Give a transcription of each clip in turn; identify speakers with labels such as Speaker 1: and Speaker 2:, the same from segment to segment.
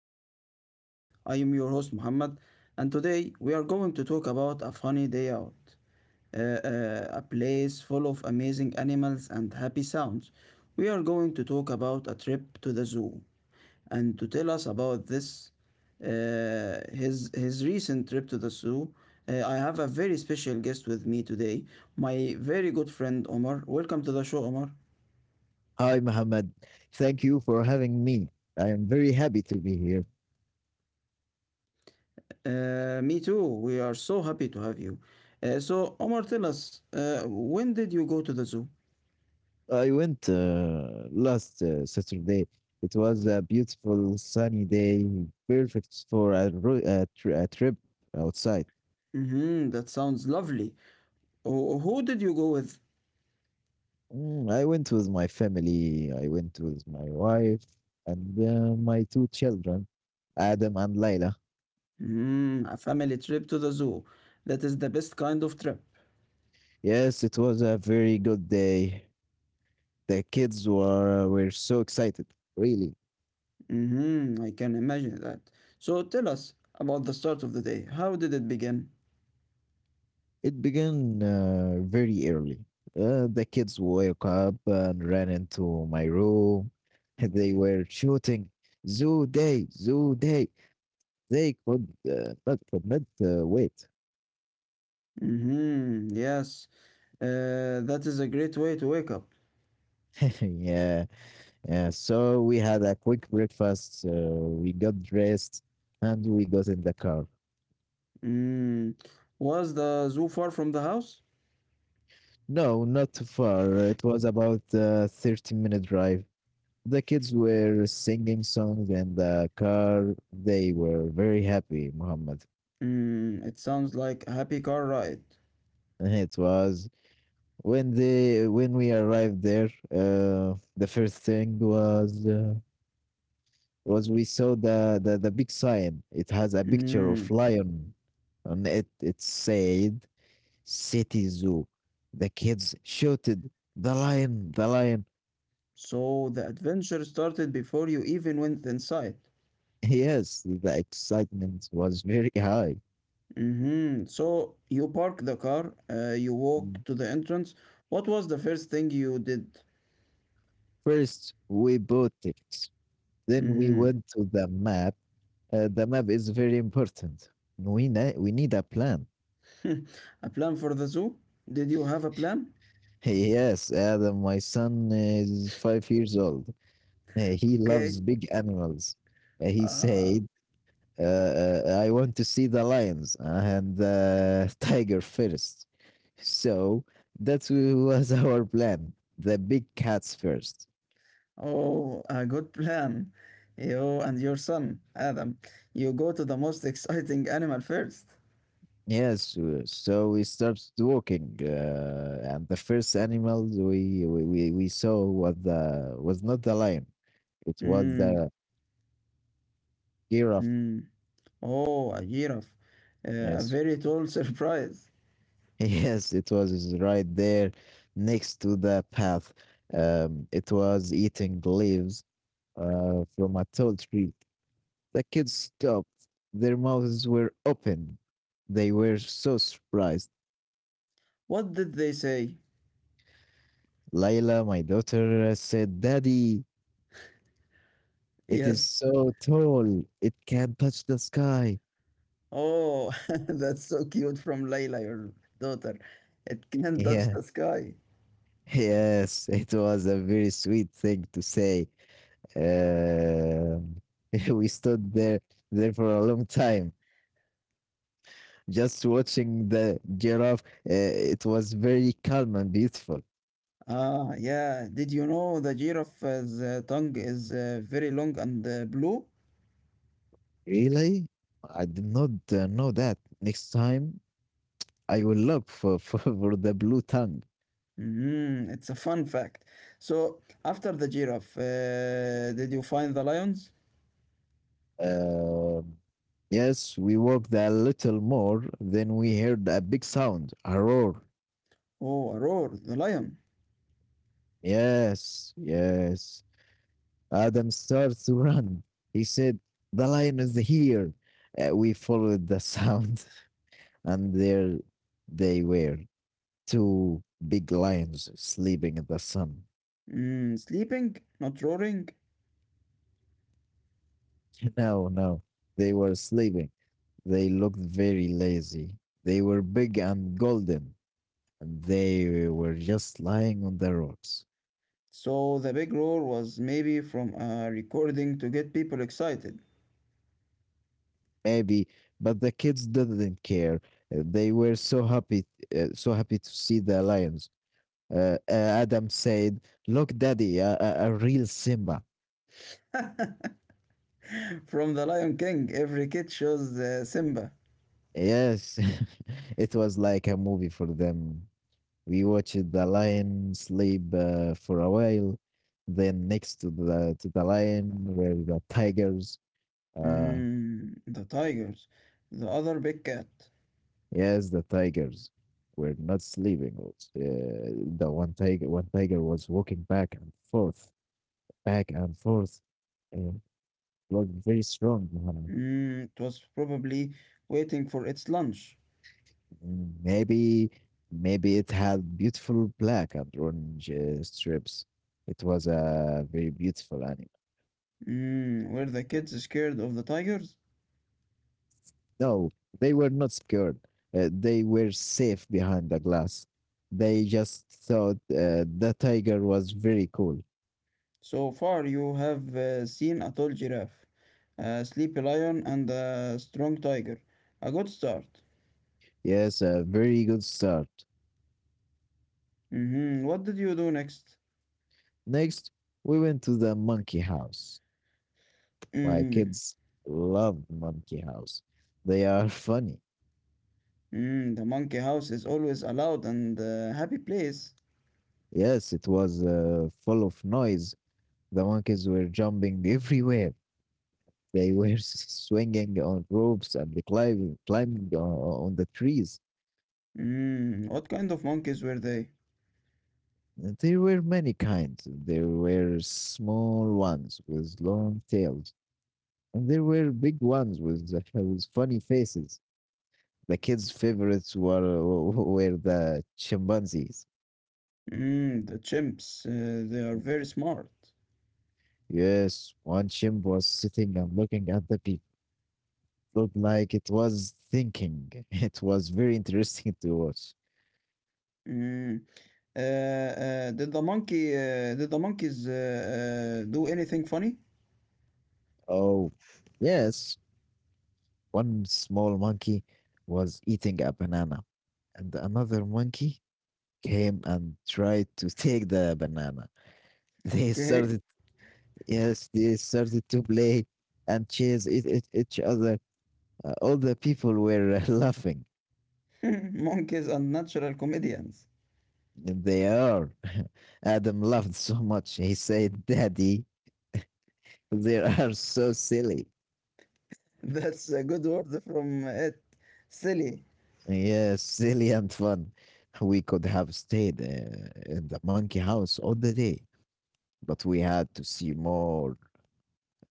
Speaker 1: on the Wild Side. I am your host Muhammad, and today we are going to talk about a funny day out, a place full of amazing animals and happy sounds. We are going to talk about a trip to the zoo, and to tell us about this, his recent trip to the zoo. I have a very special guest with me today, my very good friend Omar. Welcome to the show, Omar.
Speaker 2: Hi, Mohammed. Thank you for having me. I am very happy to be here.
Speaker 1: Me too. We are so happy to have you. So, Omar, tell us, when did you go to the zoo?
Speaker 2: I went last Saturday. It was a beautiful sunny day, perfect for a trip outside.
Speaker 1: Hmm, that sounds lovely. Who did you go with?
Speaker 2: I went with my family. I went with my wife and my two children, Adam and Layla.
Speaker 1: Hmm, a family trip to the zoo. That is the best kind of trip.
Speaker 2: Yes, it was a very good day. The kids were so excited, really.
Speaker 1: Hmm, I can imagine that. So, tell us about the start of the day. How did it begin?
Speaker 2: It began very early. The kids woke up and ran into my room. They were shouting, Zoo Day, Zoo Day. They could not wait.
Speaker 1: Hmm, yes, that is a great way to wake up.
Speaker 2: Yeah. Yeah. So we had a quick breakfast. We got dressed and we got in the car.
Speaker 1: Hmm. Was the zoo far from the house?
Speaker 2: No, not too far. It was about a 30-minute drive. The kids were singing songs in the car. They were very happy, Muhammad.
Speaker 1: Hmm. It sounds like a happy car ride.
Speaker 2: It was when we arrived there. The first thing was was we saw the big sign. It has a picture of
Speaker 1: Mm.
Speaker 2: lion, and it said city zoo. The kids shouted the lion, the lion.
Speaker 1: So the adventure started before you even went inside.
Speaker 2: Yes, the excitement was very high.
Speaker 1: Mm-hmm. So you parked the car, you
Speaker 2: Mm.
Speaker 1: walked to the entrance. What was the first thing you did?
Speaker 2: First, we bought tickets. Then we
Speaker 1: Mm-hmm.
Speaker 2: went to the map. The map is very important. We need a plan.
Speaker 1: A plan for the zoo? Did you have a plan?
Speaker 2: Yes, Adam, my son is 5 years old. He
Speaker 1: Okay.
Speaker 2: loves big animals. He
Speaker 1: Uh,
Speaker 2: said, I want to see the lions and the tiger first. So that was our plan, the big cats first.
Speaker 1: oh, a good plan. You and your son, Adam. You go to the most exciting animal first.
Speaker 2: Yes, so we started walking, and the first animal we saw was the was not the lion, it was
Speaker 1: Mm,
Speaker 2: the giraffe.
Speaker 1: mm. Oh, a giraffe. A
Speaker 2: Yes,
Speaker 1: very tall surprise.
Speaker 2: yes, it was right there next to the path. It was eating leaves from a tall tree. The kids stopped. Their mouths were open. They were so surprised.
Speaker 1: What did they say?
Speaker 2: Layla, my daughter, said, Daddy, it is
Speaker 1: Yes.
Speaker 2: so tall. It can touch the sky.
Speaker 1: Oh, that's so cute from Layla, your daughter. It can touch the sky.
Speaker 2: Yeah, yes, it was a very sweet thing to say. Um we stood there for a long time, just watching the giraffe. Uh, it was very calm and beautiful.
Speaker 1: Ah, yeah. Did you know the giraffe's tongue is very long and blue?
Speaker 2: Really? I did not know that. Next time, I will look for the blue tongue.
Speaker 1: Mm, it's a fun fact. So, after the giraffe, did you find the lions?
Speaker 2: Um yes, we walked a little more, then we heard a big sound, a roar.
Speaker 1: Oh, a roar, the lion.
Speaker 2: Yes, yes. Adam starts to run. He said, the lion is here. We followed the sound, and there they were. Two big lions sleeping in the sun.
Speaker 1: Mm, sleeping, not roaring.
Speaker 2: No, no, they were sleeping. They looked very lazy. They were big and golden, and they were just lying on the rocks.
Speaker 1: So, the big roar was maybe from a recording to get people excited.
Speaker 2: Maybe, but the kids didn't care. They were so happy to see the lions. Adam said, "Look, Daddy, a real Simba."
Speaker 1: From The Lion King, every kid shows Simba.
Speaker 2: Yes, it was like a movie for them. We watched the lion sleep for a while. Then next to the lion were the tigers. Uh,
Speaker 1: Mm, the tigers. The other big cat.
Speaker 2: yes, the tigers were not sleeping also. The one tiger was walking back and forth, and looked very strong, Muhammad.
Speaker 1: Mm, it was probably waiting for its lunch.
Speaker 2: Mm, maybe it had beautiful black and orange strips. It was a very beautiful animal.
Speaker 1: Mm, were the kids scared of the tigers?
Speaker 2: No, they were not scared. They were safe behind the glass. They just thought the tiger was very cool.
Speaker 1: So far, you have seen a tall giraffe, a sleepy lion, and a strong tiger. A good start.
Speaker 2: Yes, a very good start.
Speaker 1: Mhm. What did you do next?
Speaker 2: Next, we went to the monkey house. My
Speaker 1: Mm,
Speaker 2: kids love monkey house. They are funny.
Speaker 1: mm, the monkey house is always a loud and happy place.
Speaker 2: Yes, it was full of noise. The monkeys were jumping everywhere. They were swinging on ropes and climbing on the trees.
Speaker 1: Mm, what kind of monkeys were they?
Speaker 2: There were many kinds. There were small ones with long tails, and there were big ones with, the- with funny faces. The kids' favorites were the chimpanzees.
Speaker 1: Mm, the chimps, they are
Speaker 2: Mm.
Speaker 1: very smart.
Speaker 2: Yes, one chimp was sitting and looking at the people. Looked like it was thinking. It was very interesting to watch.
Speaker 1: Mm. Did the monkeys do anything funny?
Speaker 2: Oh, yes, one small monkey was eating a banana, and another monkey came and tried to take the banana. They
Speaker 1: Okay,
Speaker 2: started, yes, they started to play and chase each other. All the people were laughing.
Speaker 1: monkeys and natural comedians.
Speaker 2: They are. Adam laughed so much. He said, Daddy, they are so silly.
Speaker 1: That's a good word from it. Silly.
Speaker 2: Yes, silly and fun. We could have stayed in the monkey house all the day, but we had to see more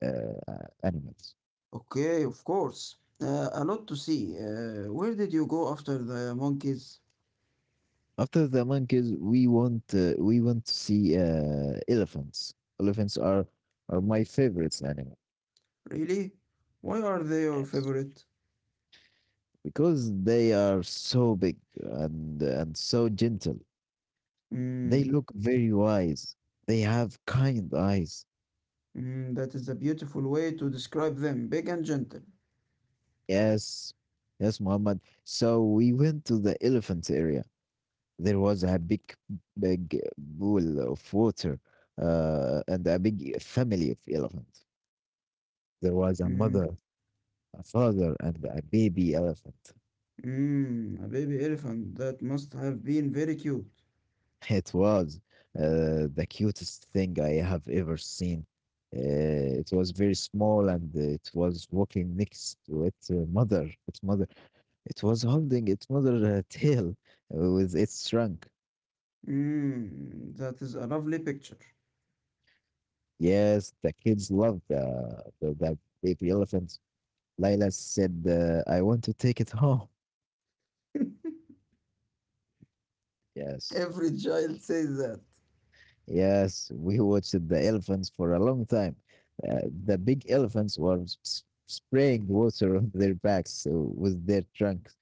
Speaker 2: uh, animals.
Speaker 1: Okay, of course. A lot to see. Where did you go after the monkeys?
Speaker 2: After the monkeys, we want to see elephants. Elephants are my favorites animal.
Speaker 1: Really? Why are they your
Speaker 2: Yes,
Speaker 1: favorite?
Speaker 2: because they are so big and so gentle. They
Speaker 1: Mm,
Speaker 2: look very wise. They have kind eyes.
Speaker 1: mm, that is a beautiful way to describe them, big and gentle.
Speaker 2: Yes, yes, Muhammad. So we went to the elephant area. There was a big pool of water, and a big family of elephants. There was a
Speaker 1: Mm.
Speaker 2: mother, a father and a baby elephant.
Speaker 1: Mm, a baby elephant that must have been very cute.
Speaker 2: It was the cutest thing I have ever seen. It was very small and it was walking next to its mother. Its mother. It was holding its mother tail with its trunk.
Speaker 1: Mm, that is a lovely picture.
Speaker 2: Yes, the kids loved the baby elephant. Layla said, I want to take it home. Yes.
Speaker 1: Every child says that.
Speaker 2: Yes, we watched the elephants for a long time. The big elephants were spraying water on their backs with their trunks.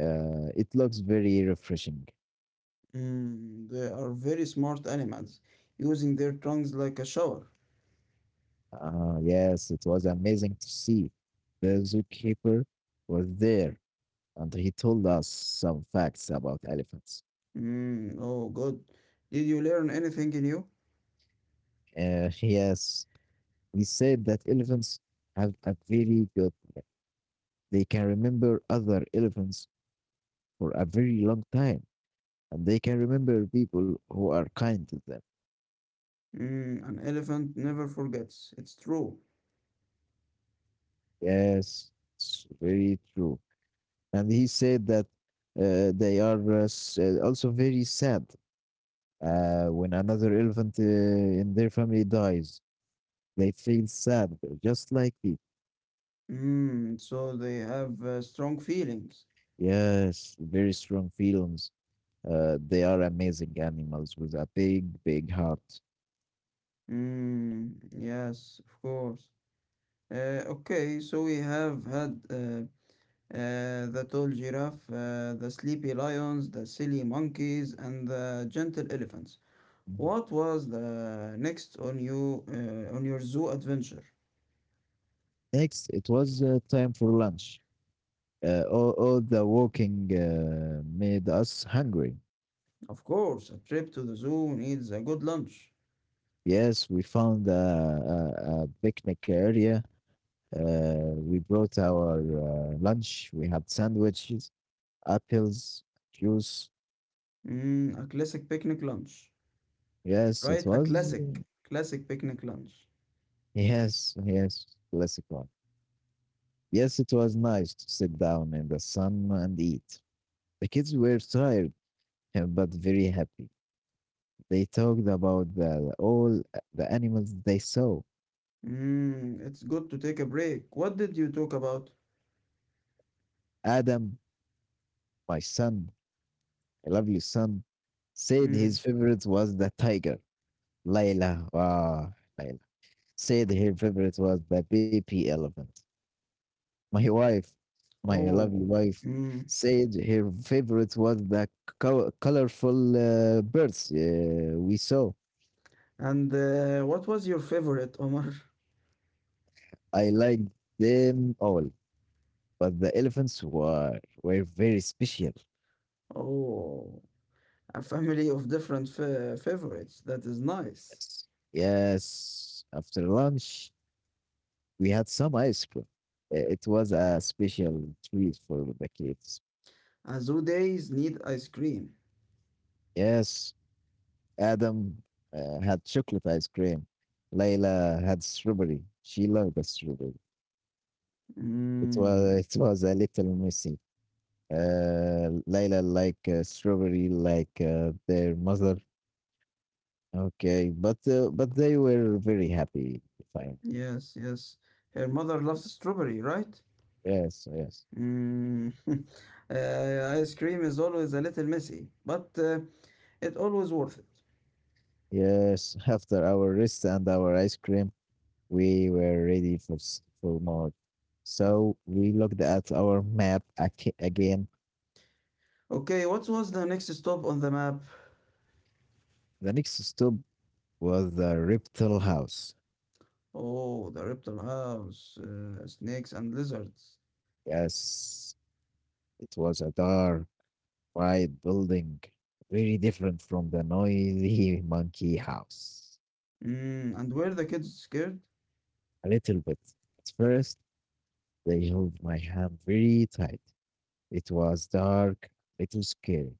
Speaker 2: It looks very refreshing.
Speaker 1: Mm, they are very smart animals, using their tongues like a shower.
Speaker 2: Yes, it was amazing to see. The zookeeper was there and he told us some facts about elephants.
Speaker 1: Mm, oh, good. Did you learn anything new?
Speaker 2: Yes, he said that elephants have a very good, they can remember other elephants for a very long time and they can remember people who are kind to them.
Speaker 1: Mm, an elephant never forgets. It's true.
Speaker 2: Yes, it's very true. And he said that they are also very sad when another elephant in their family dies. They feel sad, just like it.
Speaker 1: Mm, so they have strong feelings.
Speaker 2: Yes, very strong feelings. They are amazing animals with a big heart.
Speaker 1: Mm, yes, of course. Okay, so we have had. The tall giraffe, the sleepy lions, the silly monkeys, and the gentle elephants.
Speaker 2: Mhm.
Speaker 1: What was the next on you on your zoo adventure?
Speaker 2: Next, it was time for lunch. All the walking made us hungry.
Speaker 1: Of course, a trip to the zoo needs a good lunch.
Speaker 2: Yes, we found a picnic area. We brought our lunch. We had sandwiches, apples, juice.
Speaker 1: Mm, a classic picnic lunch,
Speaker 2: Yes, it
Speaker 1: right? A
Speaker 2: was.
Speaker 1: classic, classic picnic lunch.
Speaker 2: Yes, yes, classic one. Yes, it was nice to sit down in the sun and eat. The kids were tired, but very happy. They talked about all the animals they saw.
Speaker 1: Mm, it's good to take a break. What did you talk about?
Speaker 2: Adam, my son, a lovely son, said his
Speaker 1: Mm.
Speaker 2: favorite was the tiger. Layla. Wow, Layla. Said her favorite was the baby elephant. My wife, my lovely
Speaker 1: Oh.
Speaker 2: wife,
Speaker 1: Mm.
Speaker 2: said her favorite was the colorful birds we saw.
Speaker 1: And what was your favorite, Omar?
Speaker 2: I liked them all, but the elephants were very special.
Speaker 1: Oh, a family of different fa favorites. That is nice.
Speaker 2: Yes. Yes. After lunch, we had some ice cream. It was a special treat for the kids.
Speaker 1: Azudes need ice cream.
Speaker 2: Yes. Adam had chocolate ice cream. Layla had strawberry. She loved the strawberry.
Speaker 1: Mm.
Speaker 2: It was a little messy. Layla like strawberry, like their mother. Okay, but they were very happy. Fine.
Speaker 1: Yes, yes. Her mother loves strawberry, right?
Speaker 2: Yes, yes,
Speaker 1: Mm. Ice cream is always a little messy, but it always worth it.
Speaker 2: yes. After our rest and our ice cream, we were ready for more. So we looked at our map again.
Speaker 1: Okay, what was the next stop on the map?
Speaker 2: The next stop was the reptile house.
Speaker 1: Oh, the reptile house, snakes and lizards.
Speaker 2: Yes, it was a dark, quiet building, very different from the noisy monkey house.
Speaker 1: Mm, and were the kids scared?
Speaker 2: A little bit. At first, they held my hand very tight. It was dark, a little scary.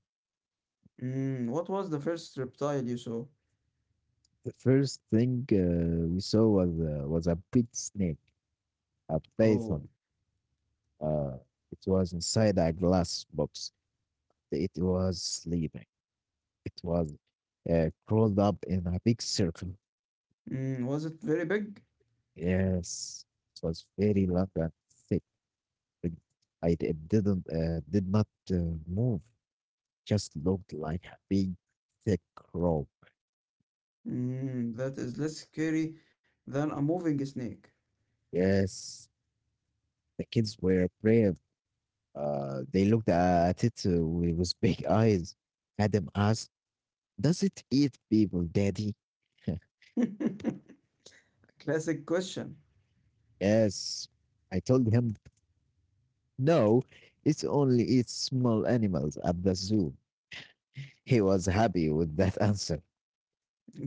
Speaker 1: Mm, what was the first reptile you saw?
Speaker 2: The first thing we saw was a big snake, a
Speaker 1: Oh,
Speaker 2: python. Uh, it was inside a glass box. It was sleeping. It was crawled up in a big circle.
Speaker 1: mm, was it very big?
Speaker 2: Yes, it was very long and thick, and I d- it didn't did not move. Just looked like a big thick rope.
Speaker 1: Mm, that is less scary than a moving snake.
Speaker 2: Yes, the kids were brave. They looked at it with big eyes. Adam asked, "Does it eat people, Daddy?"
Speaker 1: Classic question.
Speaker 2: Yes, I told him, "No, it only eats small animals at the zoo." He was happy with that answer.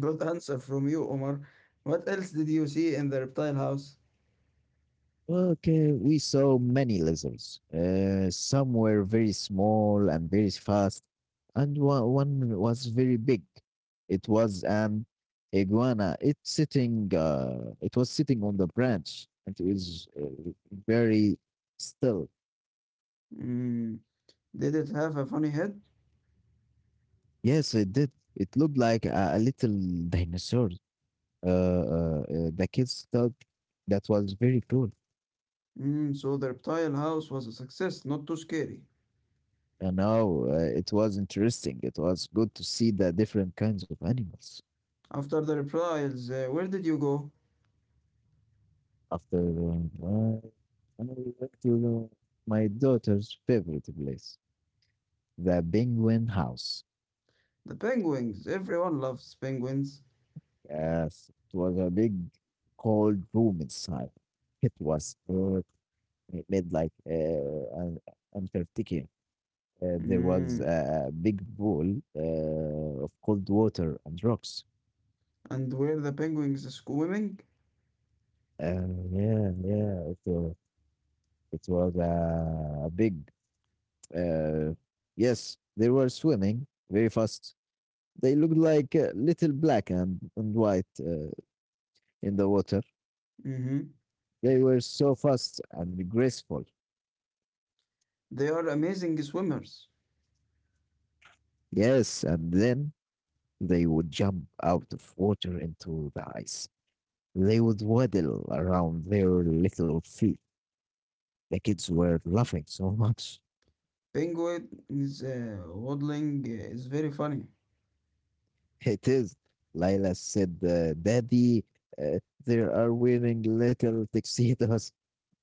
Speaker 1: Good answer from you, Omar. What else did you see in the reptile house?
Speaker 2: Okay, we saw many lizards. Some were very small and very fast, and one was very big. It was an iguana. It was sitting on the branch, and it was very still.
Speaker 1: Mm, did it have a funny head?
Speaker 2: Yes, it did. It looked like a little dinosaur. The kids thought that was very cool.
Speaker 1: Mm, so the reptile house was a success, not too scary.
Speaker 2: And now it was interesting. It was good to see the different kinds of animals.
Speaker 1: After the reptiles, where did you go?
Speaker 2: After doing well, we went to my daughter's favorite place, the Penguin House.
Speaker 1: The penguins. Everyone loves penguins.
Speaker 2: Yes, it was a big cold room inside. It was it made like an Antarctica. There was
Speaker 1: Mm.
Speaker 2: a big pool of cold water and rocks.
Speaker 1: And where the penguins swimming?
Speaker 2: Yeah, yeah, it, wa- it was a big. Uh, yes, they were swimming very fast. They looked like little black and white in the water.
Speaker 1: Mhm.
Speaker 2: They were so fast and graceful.
Speaker 1: They are amazing swimmers.
Speaker 2: Yes, and then they would jump out of water into the ice. They would waddle around their little feet. The kids were laughing so much.
Speaker 1: Penguins waddling is very funny.
Speaker 2: It is, Lila said, Daddy, uh, they are wearing little tuxedos.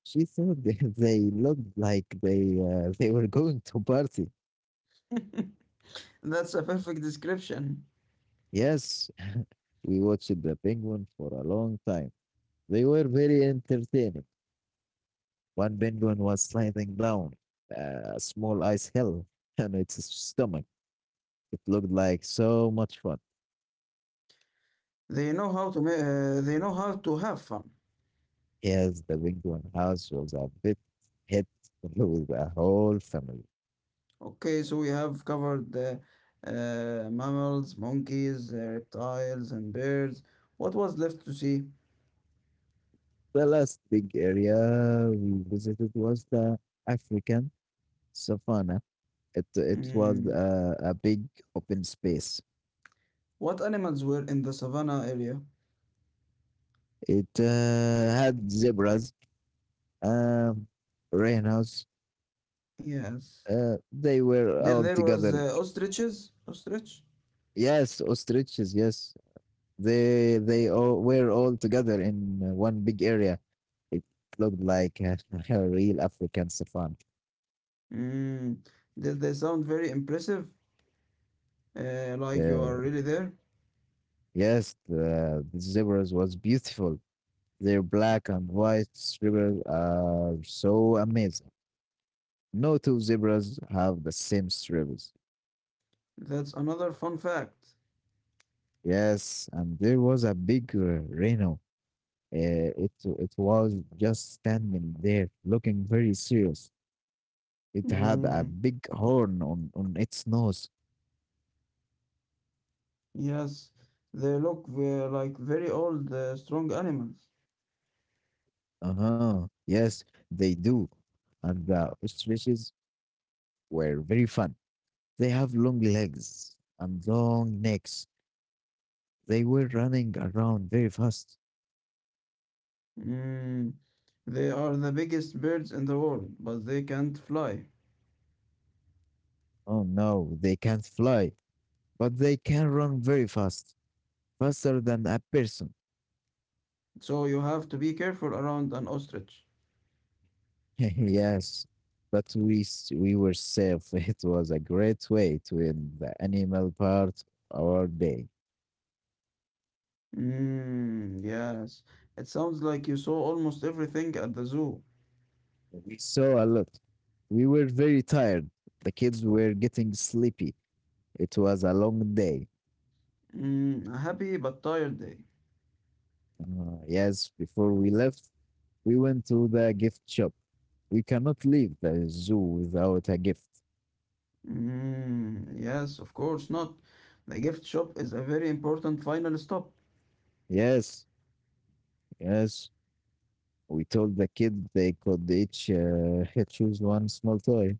Speaker 2: She thought they looked like they were going to party.
Speaker 1: That's a perfect description.
Speaker 2: Yes, we watched the penguin for a long time. They were very entertaining. One penguin was sliding down a small ice hill on its stomach. It looked like so much fun.
Speaker 1: They know how to have fun.
Speaker 2: Yes, the penguin house was a bit hit with the whole family.
Speaker 1: Okay, so we have covered the mammals, monkeys, reptiles, and birds. What was left to see?
Speaker 2: The last big area we visited was the African savannah. It was
Speaker 1: Mm.
Speaker 2: a big open space.
Speaker 1: What animals were in the savannah area?
Speaker 2: It had zebras. Um, Rainhouse.
Speaker 1: Yes.
Speaker 2: They were
Speaker 1: There,
Speaker 2: all
Speaker 1: there was
Speaker 2: together.
Speaker 1: ostriches. Ostrich.
Speaker 2: Yes, ostriches. Yes, they all were all together in one big area. It looked like a, a real African savannah.
Speaker 1: Mm. Did they sound very impressive? Like you are
Speaker 2: Uh,
Speaker 1: really there?
Speaker 2: yes, the zebras was beautiful. Their black and white stripes are so amazing. No two zebras have the same stripes.
Speaker 1: That's another fun fact.
Speaker 2: Yes, and there was a big rhino. It was just standing there, looking very serious. It had a
Speaker 1: Mm.
Speaker 2: big horn on its nose.
Speaker 1: Yes, they look like very old, strong animals.
Speaker 2: Uh huh. Yes, they do. And the ostriches were very fun. They have long legs and long necks. They were running around very fast.
Speaker 1: Mm. They are the biggest birds in the world, but they can't fly.
Speaker 2: Oh no, they can't fly, but they can run very fast, faster than a person.
Speaker 1: So you have to be careful around an ostrich.
Speaker 2: yes, but we were safe. It was a great way to end the animal part of our day.
Speaker 1: Mm, yes. It sounds like you saw almost everything at the zoo.
Speaker 2: We saw a lot. We were very tired. The kids were getting sleepy. It was a long day.
Speaker 1: Mm, a happy but tired day.
Speaker 2: Yes, before we left, we went to the gift shop. We cannot leave the zoo without a gift.
Speaker 1: Mm, yes, of course not. The gift shop is a very important final stop.
Speaker 2: Yes, yes. We told the kids they could each choose one small toy.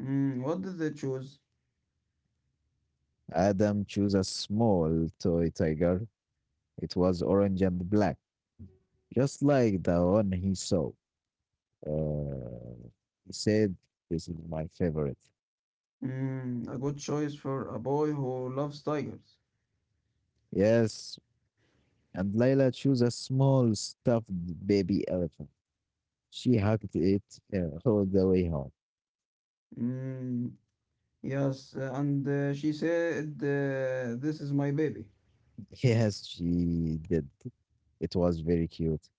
Speaker 1: Mm, what did they choose?
Speaker 2: Adam chose a small toy tiger. It was orange and black, just like the one he saw. Uh, he said, this is my favorite.
Speaker 1: Mm, a good choice for a boy who loves tigers.
Speaker 2: Yes. And Layla chose a small stuffed baby elephant. She hugged it all the way home.
Speaker 1: Mm, yes, and she said, this is my baby.
Speaker 2: Yes, she did. It was very cute.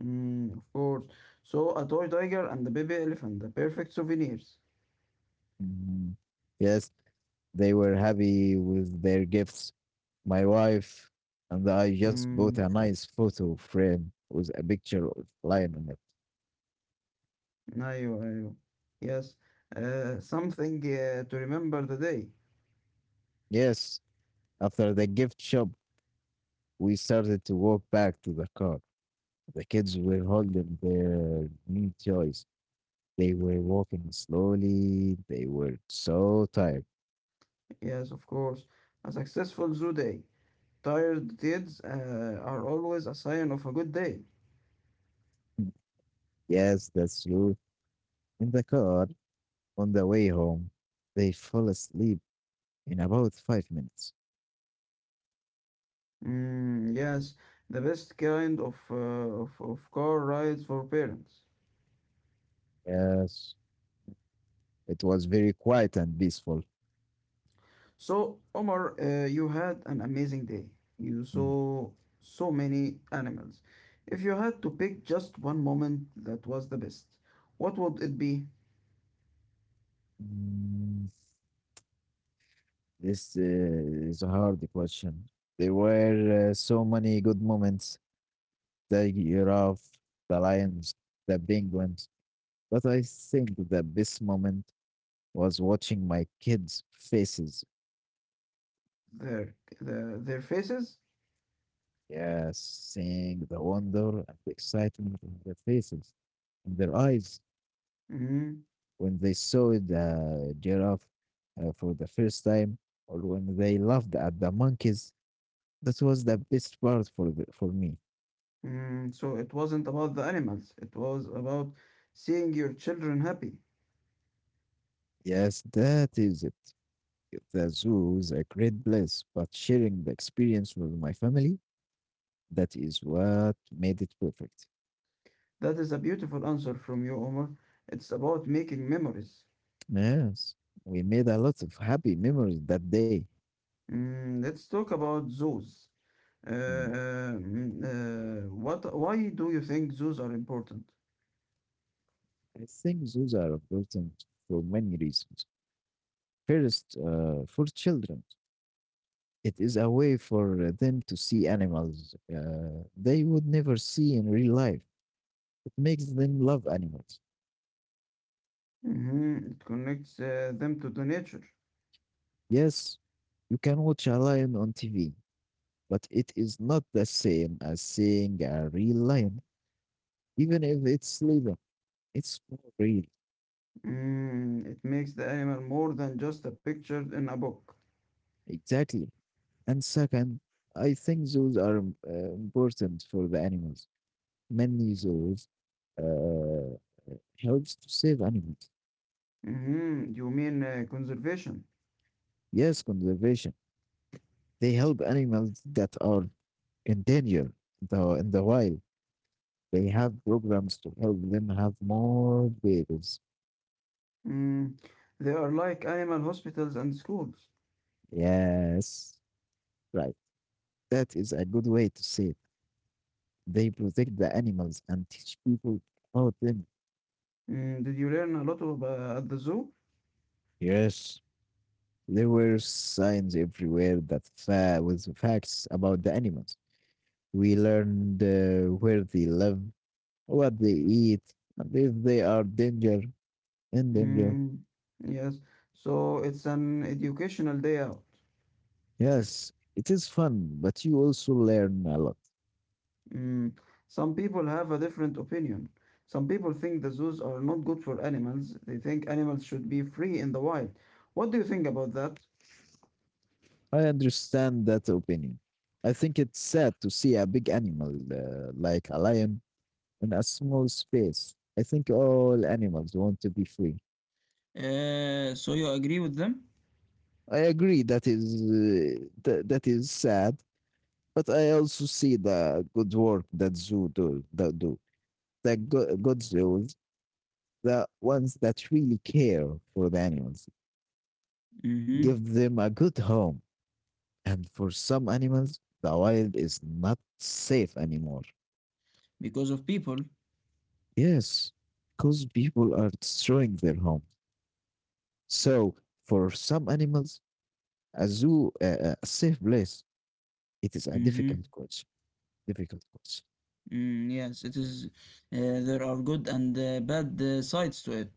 Speaker 1: Mm, of course. So, a toy tiger and a baby elephant, the perfect souvenirs.
Speaker 2: Mhm. Yes, they were happy with their gifts. My wife and I just bought
Speaker 1: Mm,
Speaker 2: a nice photo frame with a picture of Lion on it.
Speaker 1: أيوه أيوه. Yes, something to remember the day.
Speaker 2: Yes, after the gift shop, we started to walk back to the car. The kids were holding their new toys. They were walking slowly. They were so tired.
Speaker 1: Yes, of course. A successful zoo day. Tired kids are always a sign of a good day.
Speaker 2: Yes, that's true. In the car on the way home, they fell asleep in about 5 minutes.
Speaker 1: Mm, yes, the best kind of, car rides for parents.
Speaker 2: Yes, it was very quiet and peaceful.
Speaker 1: So, Omar, you had an amazing day. You
Speaker 2: Mm,
Speaker 1: saw so many animals. If you had to pick just one moment that was the best, what would it be?
Speaker 2: this is a hard question. There were so many good moments. The giraffe, the lions, the penguins. But I think the best moment was watching my kids' faces.
Speaker 1: Their faces?
Speaker 2: Yes, seeing the wonder and excitement in their faces, in their eyes,
Speaker 1: Mm,
Speaker 2: when they saw the giraffe for the first time, or when they laughed at the monkeys. That was the best part for me.
Speaker 1: mm, so, it wasn't about the animals, it was about seeing your children happy.
Speaker 2: Yes, that is it. The zoo is a great place, but sharing the experience with my family, that is what made it perfect.
Speaker 1: That is a beautiful answer from you, Omar. It's about making memories.
Speaker 2: Yes, we made a lot of happy memories that day.
Speaker 1: Mm, let's talk about zoos.
Speaker 2: Mm.
Speaker 1: Why do you think zoos are important?
Speaker 2: I think zoos are important for many reasons. First, for children, it is a way for them to see animals they would never see in real life. It makes them love animals.
Speaker 1: Mhm. It connects them to the nature.
Speaker 2: Yes, you can watch a lion on TV, but it is not the same as seeing a real lion, even if it's sleeping. It's more real.
Speaker 1: Mm, it makes the animal more than just a picture in a book.
Speaker 2: Exactly. And second, I think zoos are important for the animals. Many zoos uh, helps to save animals.
Speaker 1: Mhm. You mean conservation?
Speaker 2: Yes, conservation. They help animals that are in danger in the wild. They have programs to help them have more babies.
Speaker 1: Mm, they are like animal hospitals and schools.
Speaker 2: Yes, right. That is a good way to say it. They protect the animals and teach people about them.
Speaker 1: Mm, did you learn a lot of, at the zoo?
Speaker 2: Yes. There were signs everywhere that with facts about the animals. We learned where they live, what they eat, and if they are danger in danger.
Speaker 1: Mm, yes. So it's an educational day out.
Speaker 2: Yes, it is fun, but you also learn a lot.
Speaker 1: Mm, some people have a different opinion. Some people think the zoos are not good for animals. They think animals should be free in the wild. What do you think about that?
Speaker 2: I understand that opinion. I think it's sad to see a big animal like a lion in a small space. I think all animals want to be free.
Speaker 1: So you agree with them?
Speaker 2: I agree that is that is sad, but I also see the good work that zoo do that do the good zoos, the ones that really care for the animals,
Speaker 1: Mm-hmm.
Speaker 2: give them a good home. And for some animals, the wild is not safe anymore.
Speaker 1: Because of people?
Speaker 2: Yes, because people are destroying their homes. So for some animals, a zoo, a safe place. It is a
Speaker 1: Mm-hmm.
Speaker 2: difficult course. Difficult course.
Speaker 1: Mm, yes, it is. There are good and bad sides to it.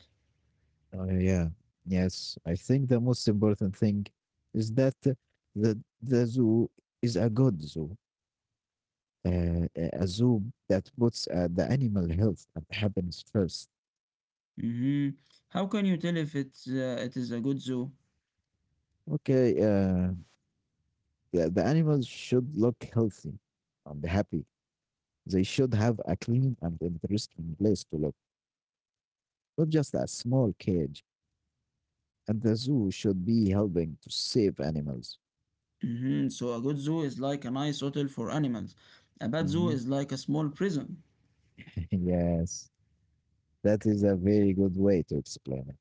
Speaker 2: Yeah. Yes. I think the most important thing is that the zoo is a good zoo, a zoo that puts the animal health and happiness first.
Speaker 1: Mm-hmm. How can you tell if it's it is a good zoo?
Speaker 2: Okay. The animals should look healthy and happy. They should have a clean and interesting place to look, not just a small cage. And the zoo should be helping to save animals.
Speaker 1: Mhm. So a good zoo is like a nice hotel for animals. A bad zoo
Speaker 2: Mhm.
Speaker 1: is like a small prison.
Speaker 2: yes. That is a very good way to explain it.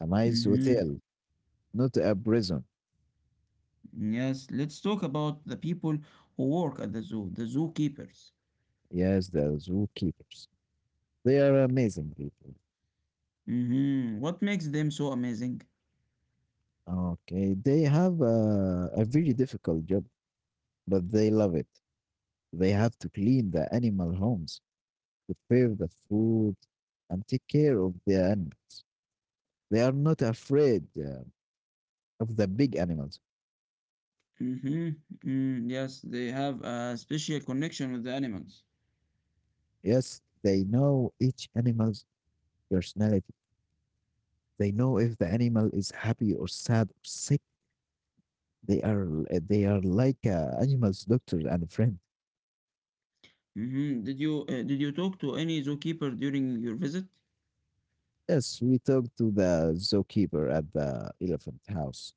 Speaker 2: A nice
Speaker 1: Hmm.
Speaker 2: hotel, not a prison.
Speaker 1: Yes, let's talk about the people who work at the zoo, the zookeepers.
Speaker 2: Yes, the zookeepers. They are amazing people.
Speaker 1: Hmm. What makes them so amazing?
Speaker 2: Okay, they have a very difficult job, but they love it. They have to clean the animal homes, prepare the food, and take care of the animals. They are not afraid of the big animals.
Speaker 1: Hmm. Mm, yes, they have a special connection with the animals.
Speaker 2: Yes, they know each animal's personality. They know if the animal is happy or sad or sick. They are they are like animals, doctor and friend.
Speaker 1: Hmm. Did you talk to any zookeeper during your visit?
Speaker 2: Yes, we talked to the zookeeper at the elephant house.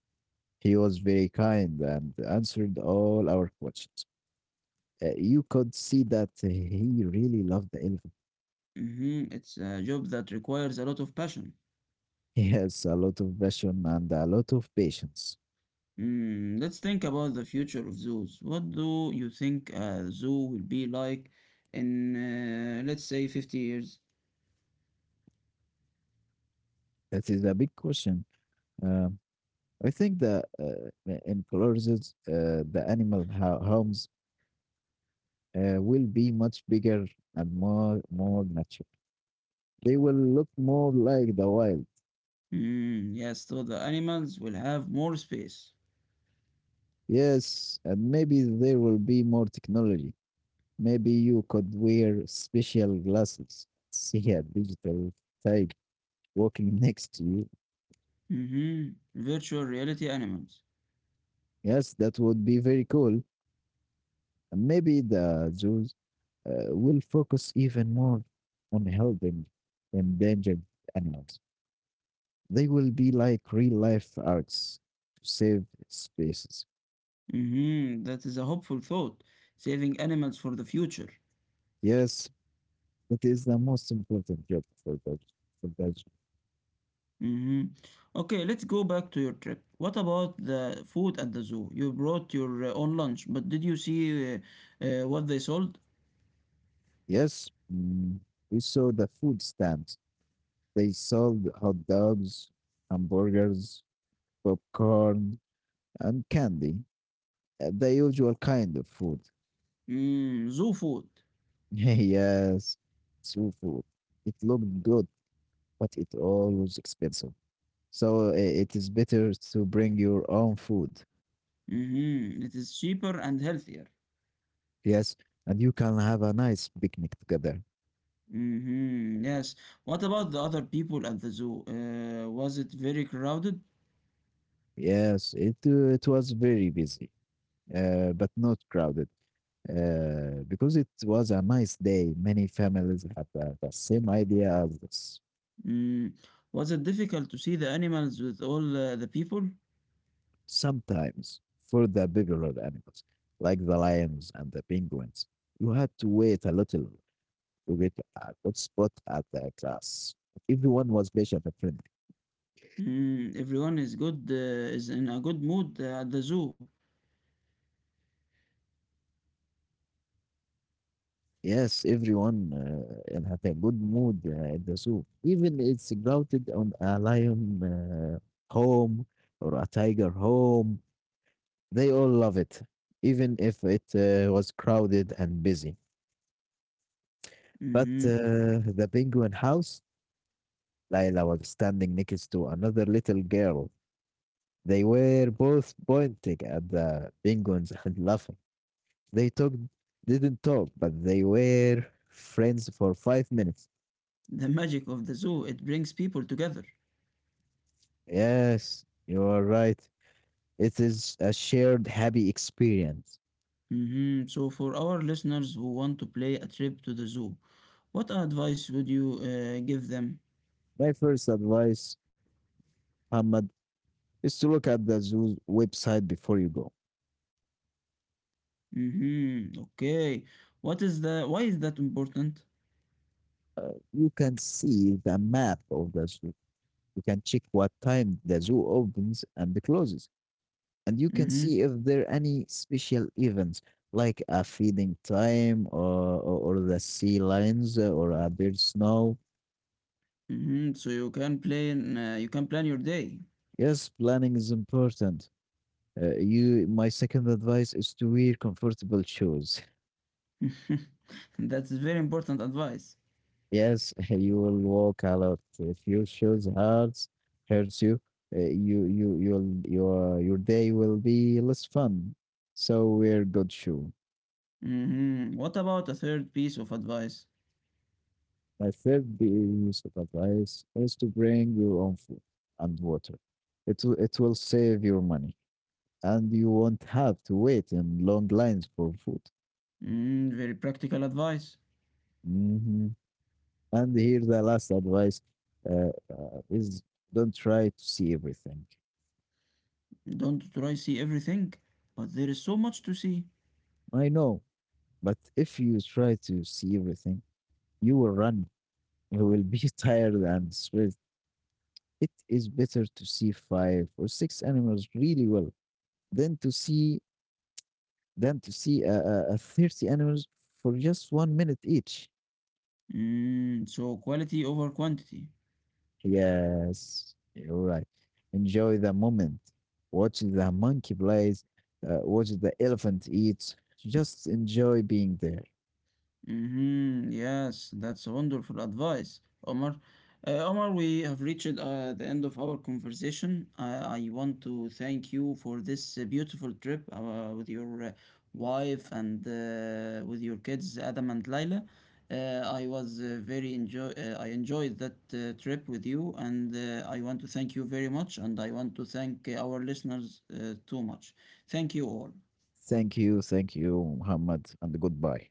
Speaker 2: He was very kind and answered all our questions. You could see that he really loved the elephant.
Speaker 1: Hmm. It's a job that requires a lot of passion.
Speaker 2: He has a lot of passion and a lot of patience.
Speaker 1: Mm, let's think about the future of zoos. What do you think a zoo will be like in, let's say, 50 years?
Speaker 2: That is a big question. Um, I think that in Colorado's, the animal homes will be much bigger and more natural. They will look more like the wild.
Speaker 1: Mm, yes, so the animals will have more space.
Speaker 2: Yes, and maybe there will be more technology. Maybe you could wear special glasses, see a digital tiger walking next to you.
Speaker 1: Mm-hmm. Virtual reality animals.
Speaker 2: Yes, that would be very cool. And maybe the zoos will focus even more on helping endangered animals. They will be like real life arcs to save species.
Speaker 1: Mm-hmm. That is a hopeful thought. Saving animals for the future.
Speaker 2: Yes, that is the most important job for the.
Speaker 1: Mm-hmm. Okay, let's go back to your trip. What about the food at the zoo? You brought your own lunch, but did you see what they sold?
Speaker 2: Yes, mm, we saw the food stamps. They sold hot dogs, hamburgers, popcorn, and candy. The usual kind of food.
Speaker 1: Mm, zoo food.
Speaker 2: Yes, true food. It looked good, but it always expensive. So it is better to bring your own food.
Speaker 1: Mhm. It is cheaper and healthier.
Speaker 2: Yes, and you can have a nice picnic together.
Speaker 1: Mhm. Yes. What about the other people at the zoo? Was it very crowded?
Speaker 2: Yes, it was very busy, but not crowded, because it was a nice day. Many families have the same idea as this.
Speaker 1: Mm. Was it difficult to see the animals with all the people?
Speaker 2: Sometimes, for the bigger animals, like the lions and the penguins, you had to wait a little to get a good spot at the class. Everyone was patient and friendly.
Speaker 1: Mm. Everyone is good, is in a good mood at the zoo.
Speaker 2: Yes, everyone had a good mood in the zoo. Even it's grounded on a lion home or a tiger home. They all love it, even if it was crowded and busy. But
Speaker 1: Mhm.
Speaker 2: the penguin house, Layla was standing next to another little girl. They were both pointing at the penguins and laughing. They talked, didn't talk, but they were friends for 5 minutes.
Speaker 1: The magic of the zoo, it brings people together.
Speaker 2: Yes, you are right. It is a shared happy experience.
Speaker 1: Mhm. So for our listeners who want to play a trip to the zoo, what advice would you give them?
Speaker 2: My first advice, Ahmad, is to look at the zoo's website before you go.
Speaker 1: Mm-hmm. Okay. What is the why is that important?
Speaker 2: uh, you can see the map of the zoo. You can check what time the zoo opens and closes, and you can
Speaker 1: Mm-hmm.
Speaker 2: see if there are any special events like a feeding time or the sea lions or a bird snow.
Speaker 1: Mm-hmm. So you can plan your day.
Speaker 2: Yes, planning is important. My second advice is to wear comfortable shoes.
Speaker 1: That's very important advice.
Speaker 2: Yes, you will walk a lot. If your shoes hurts you, you you'll your day will be less fun. So wear good shoe.
Speaker 1: Mm-hmm. What about a third piece of advice?
Speaker 2: My third piece of advice is to bring your own food and water. It will save your money, and you won't have to wait in long lines for food.
Speaker 1: Mm, very practical advice.
Speaker 2: Hmm. And here the last advice is don't try to see everything.
Speaker 1: Don't try see everything, but there is so much to see.
Speaker 2: I know. But if you try to see everything, you will run. You will be tired and stressed. It is better to see 5 or 6 animals really well than to see than to see a, a 30 animals for just 1 minute each.
Speaker 1: Mm, so quality over quantity.
Speaker 2: Yes, you're right. Enjoy the moment. Watch the monkey plays. Watch the elephant eat. Just enjoy being there.
Speaker 1: Mm-hmm. Yes, that's a wonderful advice, Omar. Omar, we have reached the end of our conversation. I want to thank you for this beautiful trip with your wife and with your kids, Adam and Lila. Uh, I was very enjoy. I enjoyed that trip with you, and I want to thank you very much, and I want to thank our listeners too much. Thank you all.
Speaker 2: Thank you, Muhammad, and goodbye.